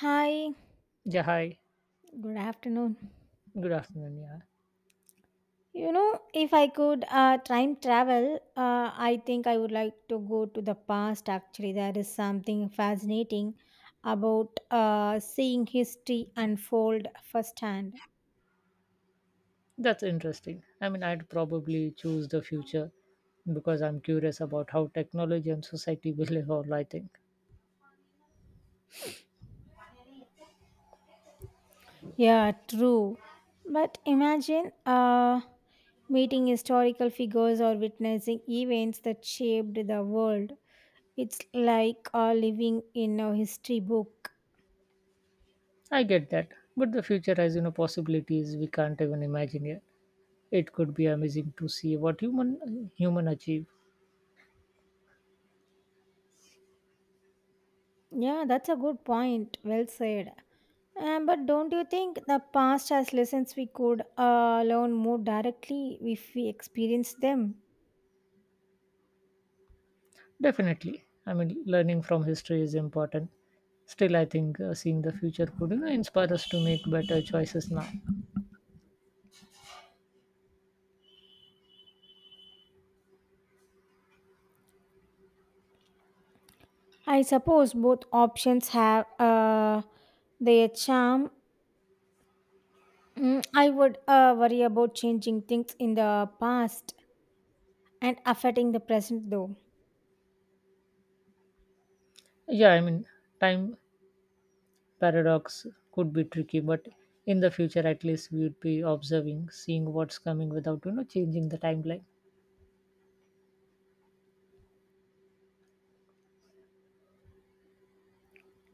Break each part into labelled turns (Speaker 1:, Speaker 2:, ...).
Speaker 1: Hi,
Speaker 2: Yeah, hi.
Speaker 1: good afternoon.
Speaker 2: Good afternoon. Yeah,
Speaker 1: If I could time travel, I think I would like to go to the past. Actually, there is something fascinating about seeing history unfold firsthand.
Speaker 2: that's interesting. I mean, I'd probably choose the future because I'm curious about how technology and society will evolve. I think
Speaker 1: Yeah, true. But imagine meeting historical figures or witnessing events that shaped the world. It's like living in a history book.
Speaker 2: I get that, but the future has possibilities we can't even imagine yet. It could be amazing to see what human achieve.
Speaker 1: Yeah, that's a good point. Well said. But don't you think the past has lessons we could learn more directly if we experience them?
Speaker 2: Definitely, I mean, learning from history is important. Still, I think seeing the future could inspire us to make better choices now.
Speaker 1: I suppose both options have their charm. Mm, I would worry about changing things in the past and affecting the present, though.
Speaker 2: Yeah, I mean, time paradox could be tricky, but in the future at least we would be observing, seeing what's coming without changing the timeline.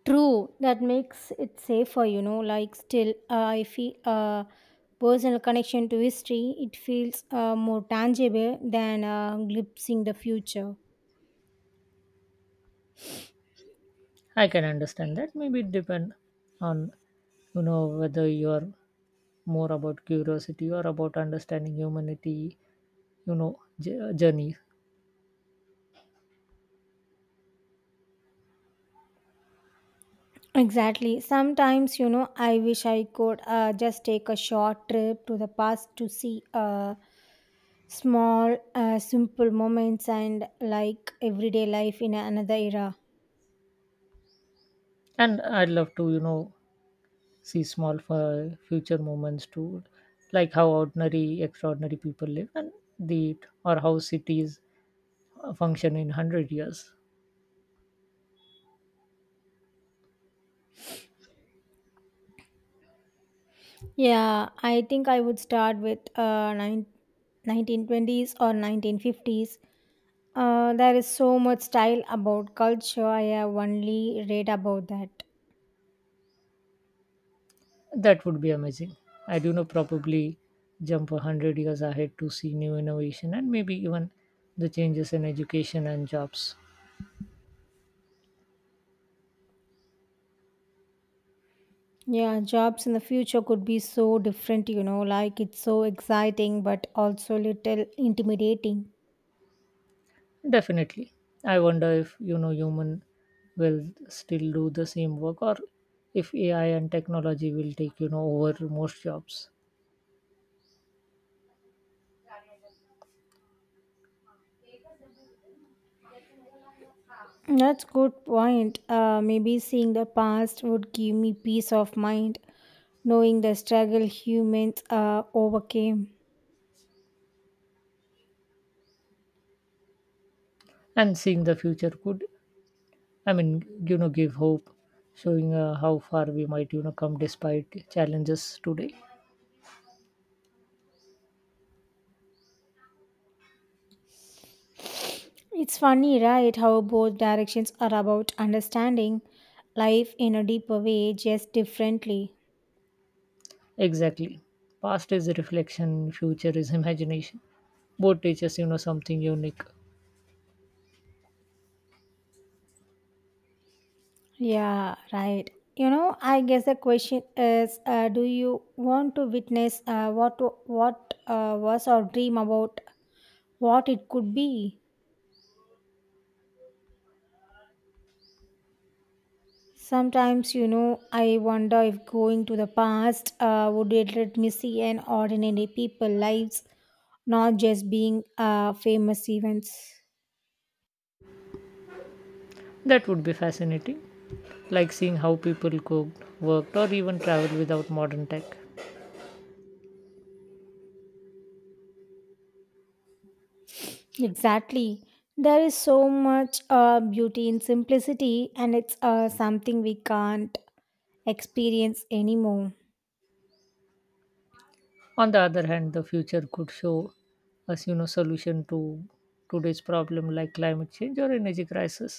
Speaker 1: True, that makes it safer, you know. Still, I feel personal connection to history. It feels more tangible than glimpsing the future.
Speaker 2: I can understand that. Maybe it depend on whether you're more about curiosity or about understanding humanity, you know journey.
Speaker 1: Exactly. Sometimes, you know, I wish I could just take a short trip to the past to see small, simple moments and like everyday life in another era.
Speaker 2: And I'd love to see small future moments too, like how ordinary extraordinary people live and the or how cities function in 100 years.
Speaker 1: Yeah, I think I would start with 1920s or 1950s. There is so much style about culture. I have only read about that.
Speaker 2: That would be amazing. I do know probably jump 100 years ahead to see new innovation and maybe even the changes in education and jobs.
Speaker 1: Yeah, jobs in the future could be so different, you know, like it's so exciting but also little intimidating.
Speaker 2: Definitely. I wonder if human will still do the same work, or if AI and technology will take over most jobs.
Speaker 1: That's good point. Maybe seeing the past would give me peace of mind, knowing the struggle humans overcame.
Speaker 2: And seeing the future could, I mean, give hope, showing how far we might come despite challenges today.
Speaker 1: It's funny, right, how both directions are about understanding life in a deeper way, just differently.
Speaker 2: Exactly. Past is reflection, future is imagination. Both teaches something unique.
Speaker 1: Yeah, right. You know, I guess the question is, do you want to witness what was or dream about what it could be? Sometimes, you know, I wonder if going to the past would it let me see an ordinary people lives, not just being famous events.
Speaker 2: That would be fascinating, like seeing how people cooked, worked, or even traveled without modern tech.
Speaker 1: Exactly. There is so much beauty in simplicity, and it's something we can't experience anymore.
Speaker 2: On the other hand, the future could show us solution to today's problem, like climate change or energy crisis.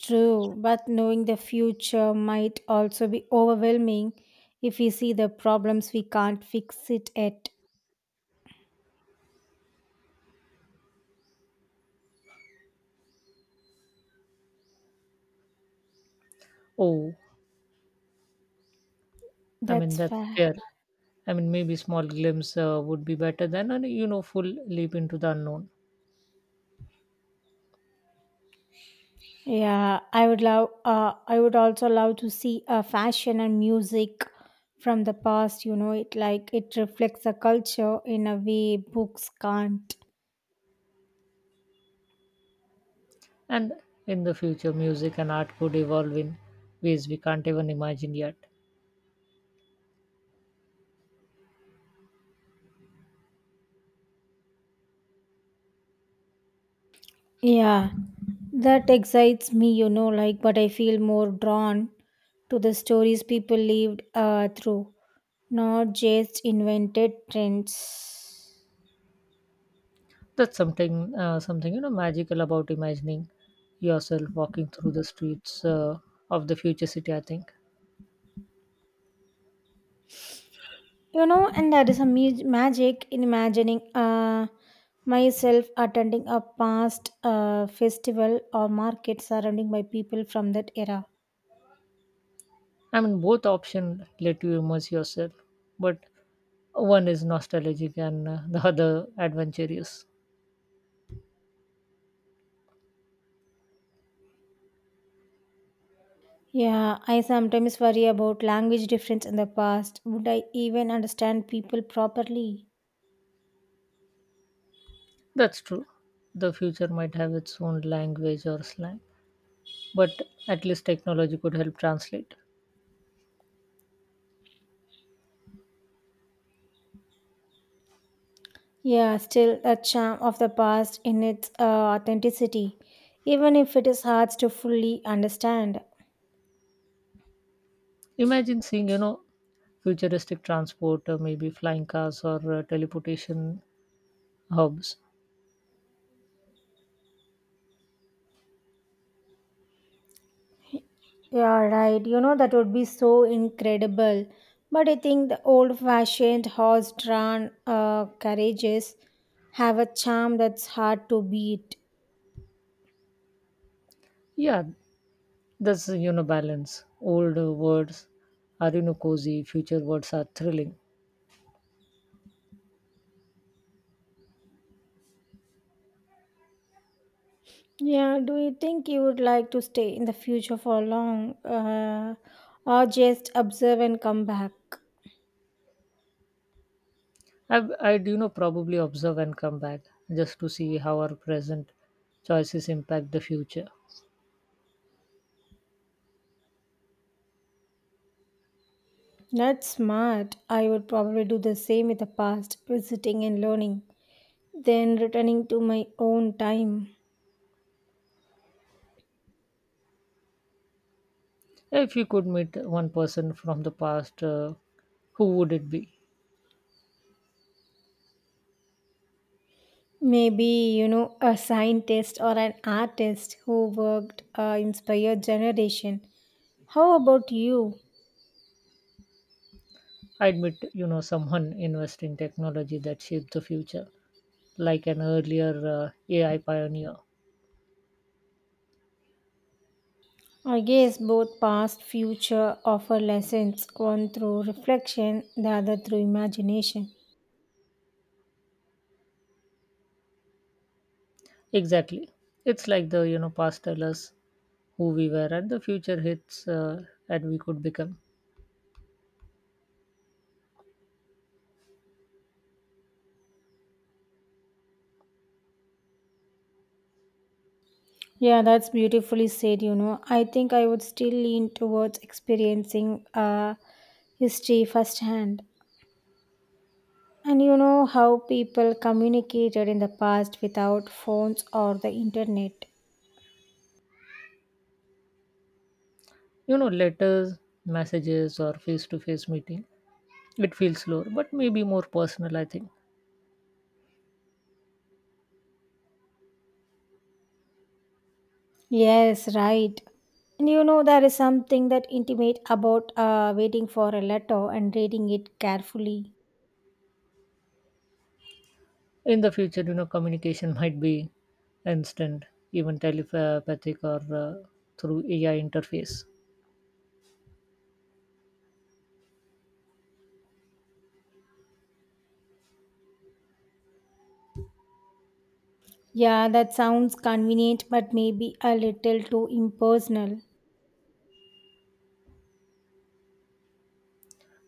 Speaker 1: True, but knowing the future might also be overwhelming if we see the problems we can't fix it at.
Speaker 2: Oh, I mean
Speaker 1: That's
Speaker 2: that's
Speaker 1: fair.
Speaker 2: fair. I mean maybe small glimpse would be better than a full leap into the unknown.
Speaker 1: Yeah, I would love. I would also love to see fashion and music from the past. You know, it like it reflects a culture in a way books can't.
Speaker 2: And in the future music and art could evolve in ways we can't even imagine yet.
Speaker 1: Yeah, that excites me. But I feel more drawn to the stories people lived through, not just invented trends.
Speaker 2: That's something, something, you know, magical about imagining yourself walking through the streets of the future city, I think.
Speaker 1: You know, and there is a magic in imagining myself attending a past festival or market surrounded by people from that era.
Speaker 2: I mean, both options let you immerse yourself, but one is nostalgic and the other adventurous.
Speaker 1: Yeah, I sometimes worry about language difference in the past. Would I even understand people properly?
Speaker 2: That's true. The future might have its own language or slang, but at least technology could help translate.
Speaker 1: Yeah, still a charm of the past in its authenticity, even if it is hard to fully understand.
Speaker 2: Imagine seeing futuristic transport, maybe flying cars or teleportation hubs.
Speaker 1: Yeah, right. You know, that would be so incredible. But I think the old fashioned horse drawn carriages have a charm that's hard to beat.
Speaker 2: Yeah, that's balance. Old words are cozy. Future words are thrilling.
Speaker 1: Yeah, do you think you would like to stay in the future for long, or just observe and come back?
Speaker 2: I probably observe and come back just to see how our present choices impact the future.
Speaker 1: That's smart. I would probably do the same with the past, visiting and learning, then returning to my own time.
Speaker 2: If you could meet one person from the past, who would it be?
Speaker 1: Maybe, you know, a scientist or an artist who worked inspired generation. How about you?
Speaker 2: I'd meet someone investing in technology that shaped the future, like an earlier AI pioneer.
Speaker 1: I guess both past future offer lessons, one through reflection, the other through imagination.
Speaker 2: Exactly. It's like the past tell us who we were, and the future hits and we could become.
Speaker 1: Yeah, that's beautifully said, you know. I think I would still lean towards experiencing history firsthand. And you know how people communicated in the past without phones or the internet.
Speaker 2: You know letters messages, or face to face meeting. It feels slower but maybe more personal, I think.
Speaker 1: Yes, right. And you know, there is something that intimate about waiting for a letter and reading it carefully.
Speaker 2: In the future, communication might be instant, even telepathic, or through AI interface.
Speaker 1: Yeah, that sounds convenient, but maybe a little too impersonal.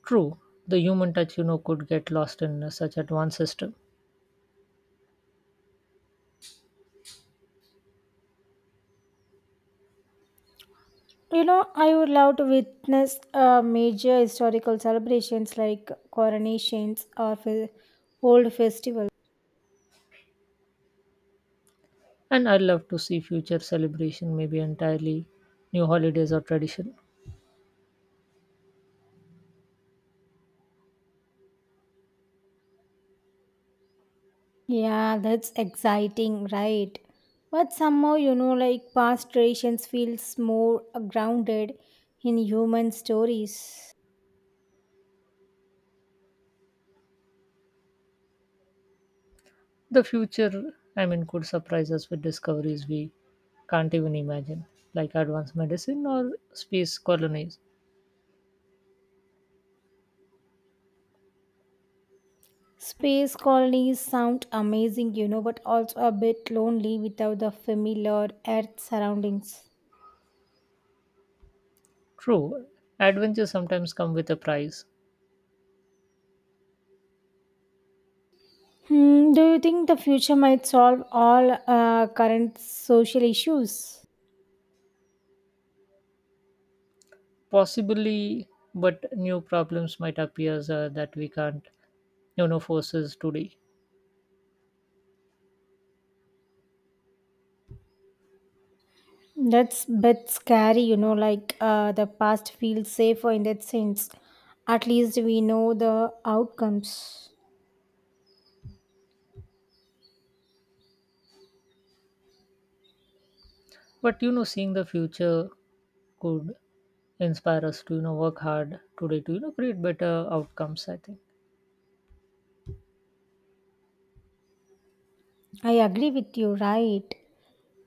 Speaker 2: True, the human touch could get lost in such advanced system.
Speaker 1: You know, I would love to witness major historical celebrations like coronations or old festivals.
Speaker 2: And I'd love to see future celebration, maybe entirely new holidays or tradition.
Speaker 1: Yeah, that's exciting, right? But somehow, you know, like past traditions feels more grounded in human stories.
Speaker 2: The future, I mean, could surprise us with discoveries we can't even imagine, like advanced medicine or space colonies.
Speaker 1: Space colonies sound amazing, you know, but also a bit lonely without the familiar Earth surroundings.
Speaker 2: True, adventures sometimes come with a price.
Speaker 1: Hmm, do you think the future might solve all current social issues?
Speaker 2: Possibly, but new problems might appear that we can't forces today.
Speaker 1: That's bit scary, you know, the past feels safer in that sense. At least we know the outcomes.
Speaker 2: But seeing the future could inspire us to work hard today to create better outcomes, I think.
Speaker 1: I agree with you, right?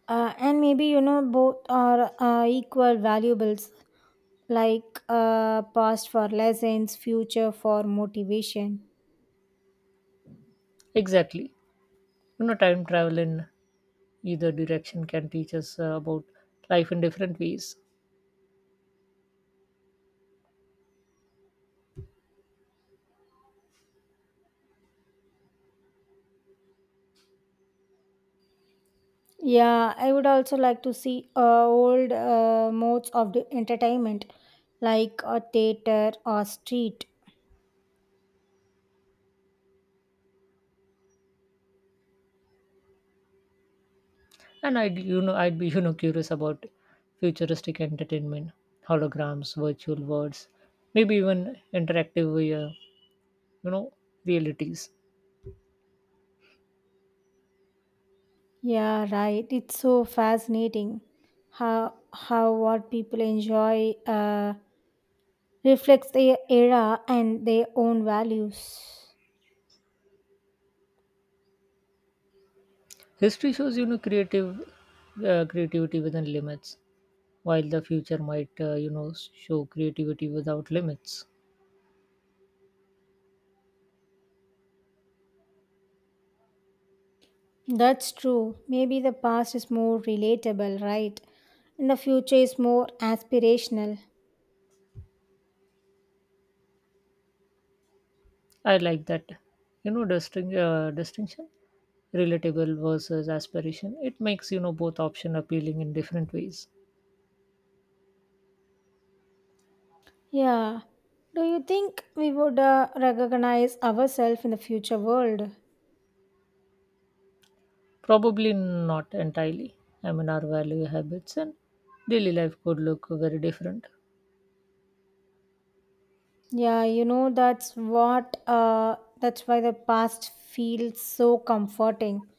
Speaker 1: And maybe you know both are equal valuables, past for lessons, future for motivation.
Speaker 2: Exactly. Time travel in either direction can teach us about life in different ways.
Speaker 1: Yeah, I would also like to see old modes of the entertainment, like a theater or street.
Speaker 2: And I'd be curious about futuristic entertainment, holograms, virtual worlds, maybe even interactive, uh, you know realities.
Speaker 1: Yeah, right, it's so fascinating how what people enjoy reflects their era and their own values.
Speaker 2: History shows creative creativity within limits, while the future might, show creativity without limits.
Speaker 1: That's true. Maybe the past is more relatable, right? And the future is more aspirational.
Speaker 2: I like that. Distinction, relatable versus aspiration. It makes both option appealing in different ways.
Speaker 1: Yeah. Do you think we would recognize ourselves in the future world?
Speaker 2: Probably not entirely. I mean, our value habits and daily life could look very different.
Speaker 1: Yeah, you know that's what that's why the past feels so comforting.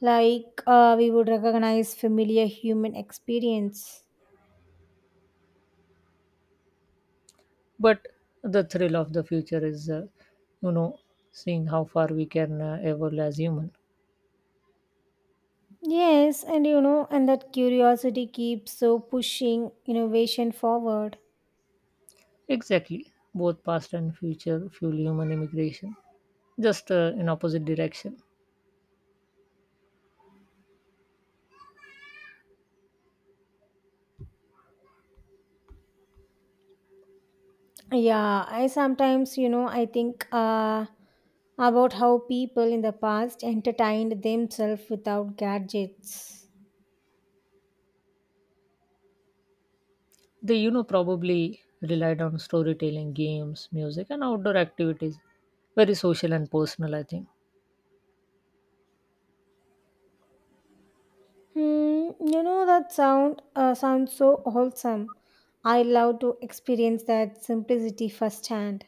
Speaker 1: We would recognize familiar human experience.
Speaker 2: But the thrill of the future is, you know, seeing how far we can evolve as human.
Speaker 1: Yes, and you know, and that curiosity keeps so pushing innovation forward.
Speaker 2: Exactly. Both past and future fuel human immigration, just in opposite direction.
Speaker 1: Yeah, I sometimes, you know, I think about how people in the past entertained themselves without gadgets.
Speaker 2: They probably relied on storytelling, games, music, and outdoor activities. Very social and personal, I think.
Speaker 1: Hmm, you know that sounds so wholesome. I love to experience that simplicity firsthand.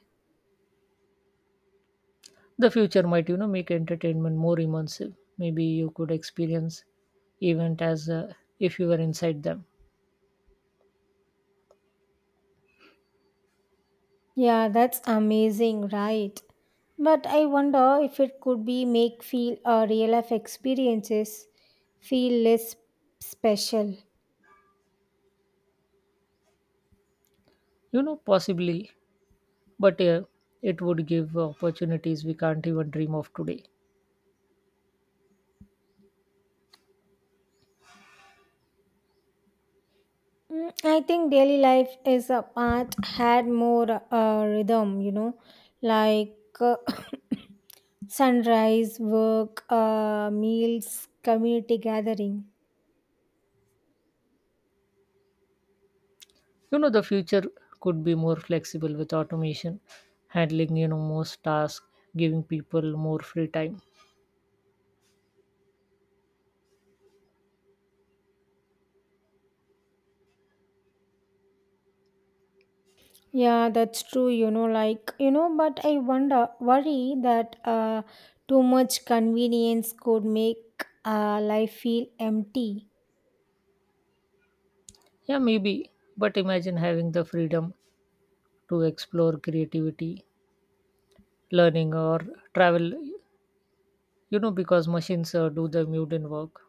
Speaker 2: The future might make entertainment more immersive. Maybe you could experience event as if you were inside them.
Speaker 1: Yeah, that's amazing, right? But I wonder if it could be make feel real life experiences feel less special.
Speaker 2: You know, possibly, but it would give opportunities we can't even dream of today.
Speaker 1: Mm, I think daily life is a part had more rhythm, you know, like uh, sunrise, work, meals, community gathering.
Speaker 2: You know, the future could be more flexible with automation, handling most tasks, giving people more free time.
Speaker 1: Yeah, that's true, you know, like, you know, but I wonder, worry that too much convenience could make life feel empty.
Speaker 2: Yeah, maybe. But imagine having the freedom to explore creativity, learning, or travel because machines do the mundane work.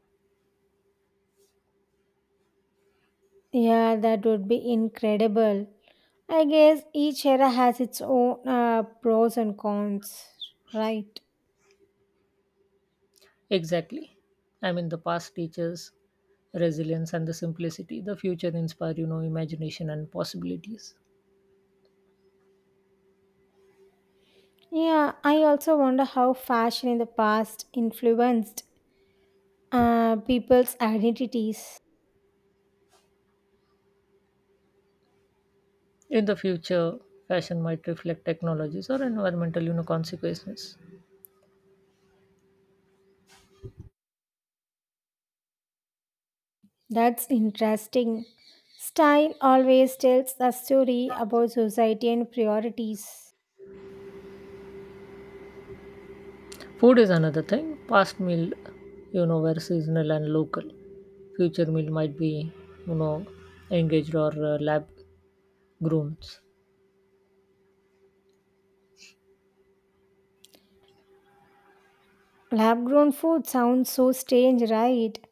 Speaker 1: Yeah, that would be incredible. I guess each era has its own pros and cons, right?
Speaker 2: Exactly. I mean, the past teaches resilience and the simplicity. The future inspire, imagination and possibilities.
Speaker 1: Yeah, I also wonder how fashion in the past influenced people's identities.
Speaker 2: In the future, fashion might reflect technologies or environmental consequences.
Speaker 1: That's interesting. Style always tells a story about society and priorities.
Speaker 2: Food is another thing. Past meal, were seasonal and local. Future meal might be, you know, engaged or lab grooms.
Speaker 1: Lab grown food sounds so strange, right?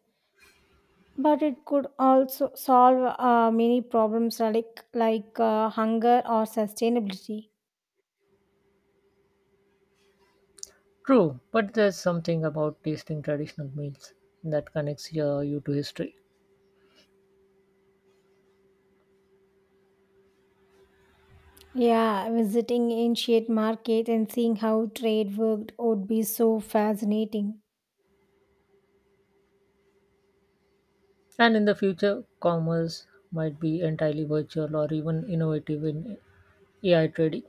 Speaker 1: But it could also solve many problems like hunger or sustainability.
Speaker 2: True, but there's something about tasting traditional meals that connects you to history.
Speaker 1: Yeah, visiting ancient market and seeing how trade worked would be so fascinating.
Speaker 2: And in the future, commerce might be entirely virtual or even innovative in AI trading.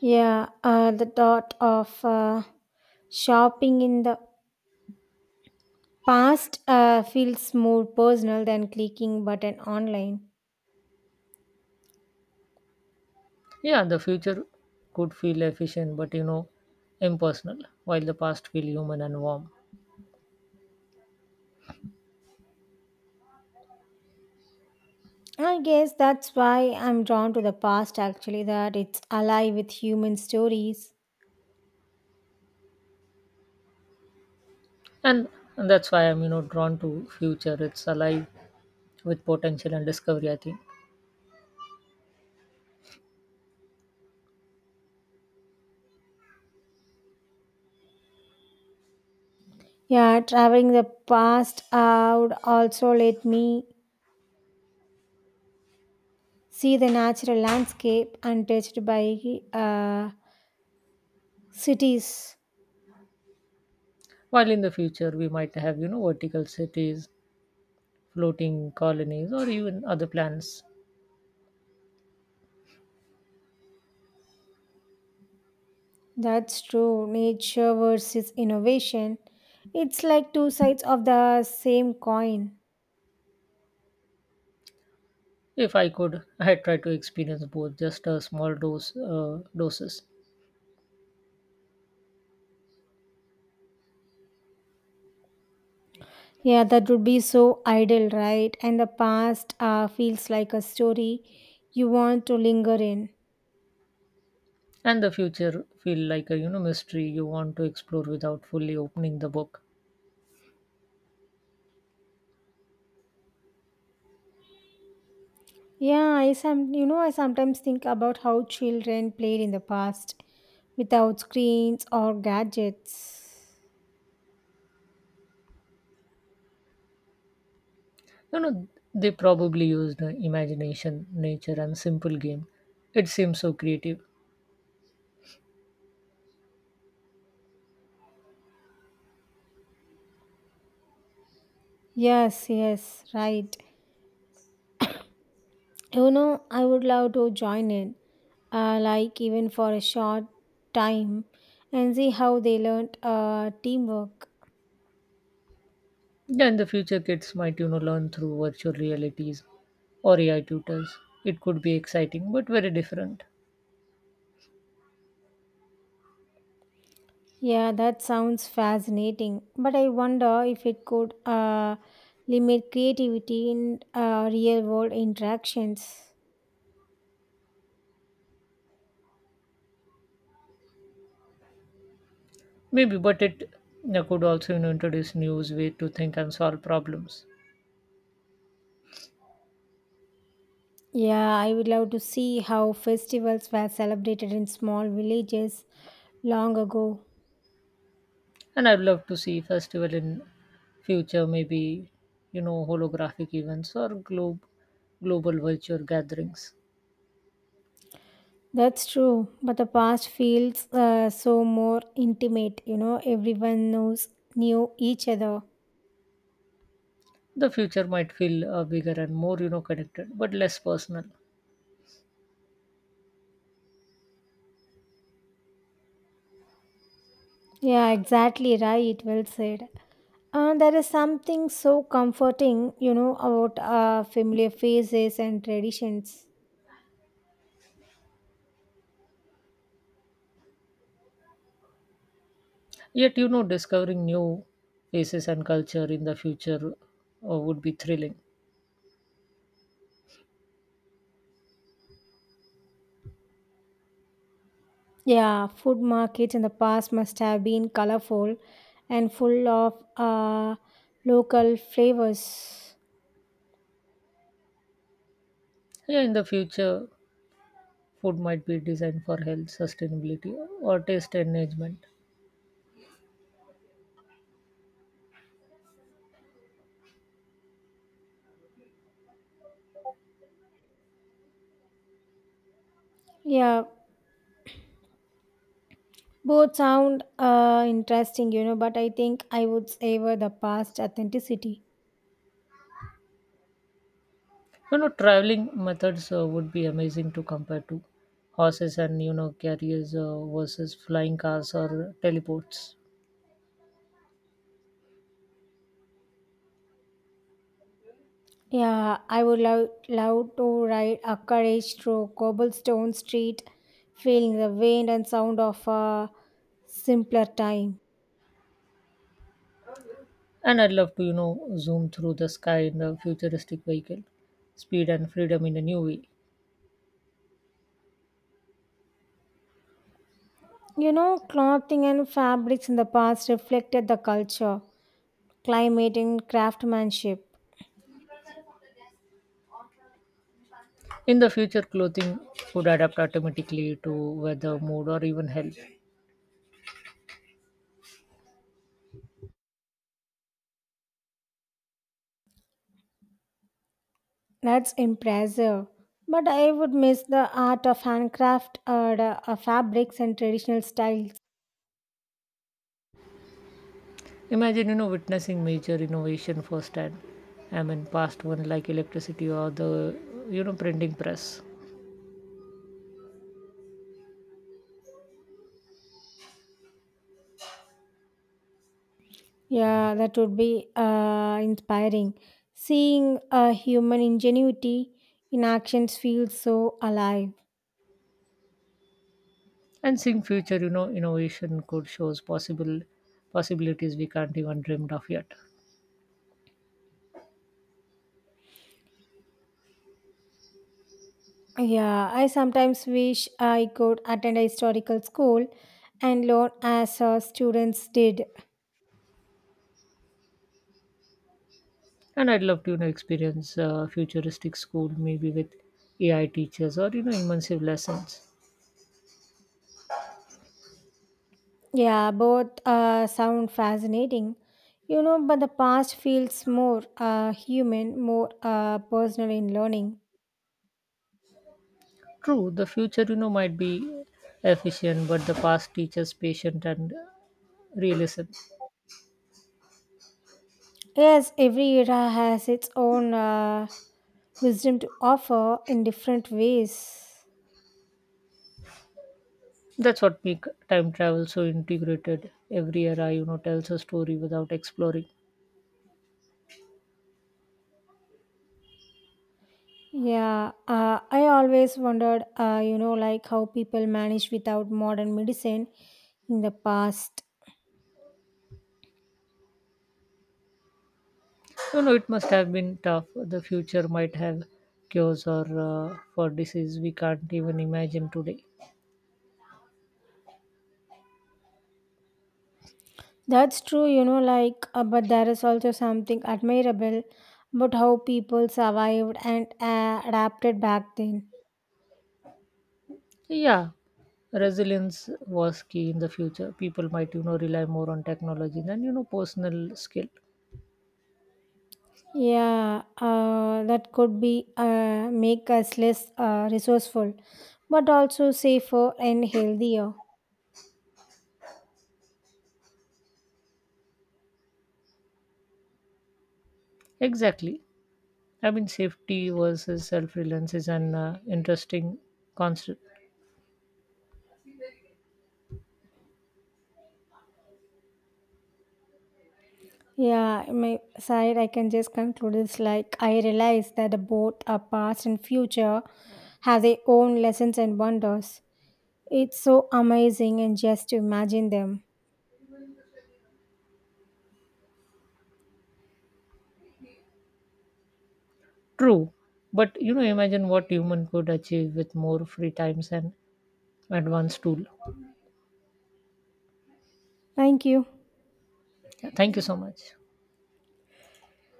Speaker 1: Yeah, the thought of shopping in the past feels more personal than clicking button online.
Speaker 2: Yeah, the future could feel efficient, but impersonal, while the past feel human and warm.
Speaker 1: I guess that's why I'm drawn to the past actually, that it's alive with human stories.
Speaker 2: And, and that's why I'm drawn to future. It's alive with potential and discovery, I think.
Speaker 1: Yeah, traveling the past would also let me see the natural landscape untouched by uh, cities.
Speaker 2: While in the future we might have vertical cities, floating colonies, or even other planets.
Speaker 1: That's true. Nature versus innovation. It's like two sides of the same coin.
Speaker 2: If I could, I would try to experience both, just a small doses,
Speaker 1: Yeah, that would be so idle, right? And the past feels like a story you want to linger in.
Speaker 2: and the future feel like a mystery you want to explore without fully opening the book.
Speaker 1: Yeah, I sometimes think about how children played in the past without screens or gadgets.
Speaker 2: You know, they probably used imagination, nature, and simple game. It seems so creative.
Speaker 1: Yes, yes, right. You know, I would love to join in, like even for a short time, and see how they learned teamwork.
Speaker 2: Yeah, in the future, kids might learn through virtual realities or AI tutors. It could be exciting, but very different.
Speaker 1: Yeah, that sounds fascinating. But I wonder if it could limit creativity in real world interactions.
Speaker 2: Maybe, but it could also introduce new way to think and solve problems.
Speaker 1: Yeah, I would love to see how festivals were celebrated in small villages long ago.
Speaker 2: And I'd love to see festival in future, maybe holographic events or globe global virtual gatherings.
Speaker 1: That's true, but the past feels so more intimate, you know, everyone knows knew each other.
Speaker 2: The future might feel bigger and more connected, but less personal.
Speaker 1: Yeah, exactly right. Well said. There is something so comforting, you know, about familiar faces and traditions.
Speaker 2: Yet discovering new faces and culture in the future would be thrilling.
Speaker 1: Yeah, food markets in the past must have been colorful and full of local flavors.
Speaker 2: Yeah, in the future, food might be designed for health, sustainability, or taste enhancement.
Speaker 1: Yeah, both sound interesting, you know, but I think I would savor the past authenticity.
Speaker 2: You know, traveling methods would be amazing to compare to horses and carriers versus flying cars or teleports.
Speaker 1: Yeah, I would love, love to ride a carriage through cobblestone street, feeling the wind and sound of a simpler time.
Speaker 2: And I'd love to zoom through the sky in a futuristic vehicle, speed and freedom in a new way.
Speaker 1: You know, clothing and fabrics in the past reflected the culture, climate, and craftsmanship.
Speaker 2: In the future, clothing would adapt automatically to weather, mood, or even health.
Speaker 1: That's impressive. But I would miss the art of handcraft or the fabrics and traditional styles.
Speaker 2: Imagine witnessing major innovation firsthand. I mean, past one like electricity or the printing press.
Speaker 1: Yeah, that would be inspiring. Seeing a human ingenuity in actions feels so alive.
Speaker 2: And seeing future innovation could shows possible possibilities we can't even dreamed of yet.
Speaker 1: Yeah, I sometimes wish I could attend a historical school and learn as students did.
Speaker 2: And I'd love to experience futuristic school, maybe with AI teachers or immersive lessons.
Speaker 1: Yeah, both sound fascinating. You know, but the past feels more uh, human, more personal in learning.
Speaker 2: True, the future might be efficient, but the past teaches patient and realism.
Speaker 1: Yes, every era has its own wisdom to offer in different ways.
Speaker 2: That's what make time travel so integrated. Every era tells a story without exploring.
Speaker 1: Yeah, I always wondered, you know, like how people managed without modern medicine in the past.
Speaker 2: You know, it must have been tough. The future might have cures or for disease we can't even imagine today.
Speaker 1: That's true, you know, but there is also something admirable about how people survived and adapted back then.
Speaker 2: Yeah, resilience was key in the future. People might rely more on technology than personal skill.
Speaker 1: Yeah, that could be make us less resourceful, but also safer and healthier.
Speaker 2: Exactly. I mean, safety versus self-reliance is an interesting concept.
Speaker 1: Yeah, my side, I can just conclude this, like I realize that both our past and future have their own lessons and wonders. It's so amazing and just to imagine them.
Speaker 2: True, but imagine what human could achieve with more free times and advanced tool.
Speaker 1: Thank you.
Speaker 2: Yeah, thank you so much.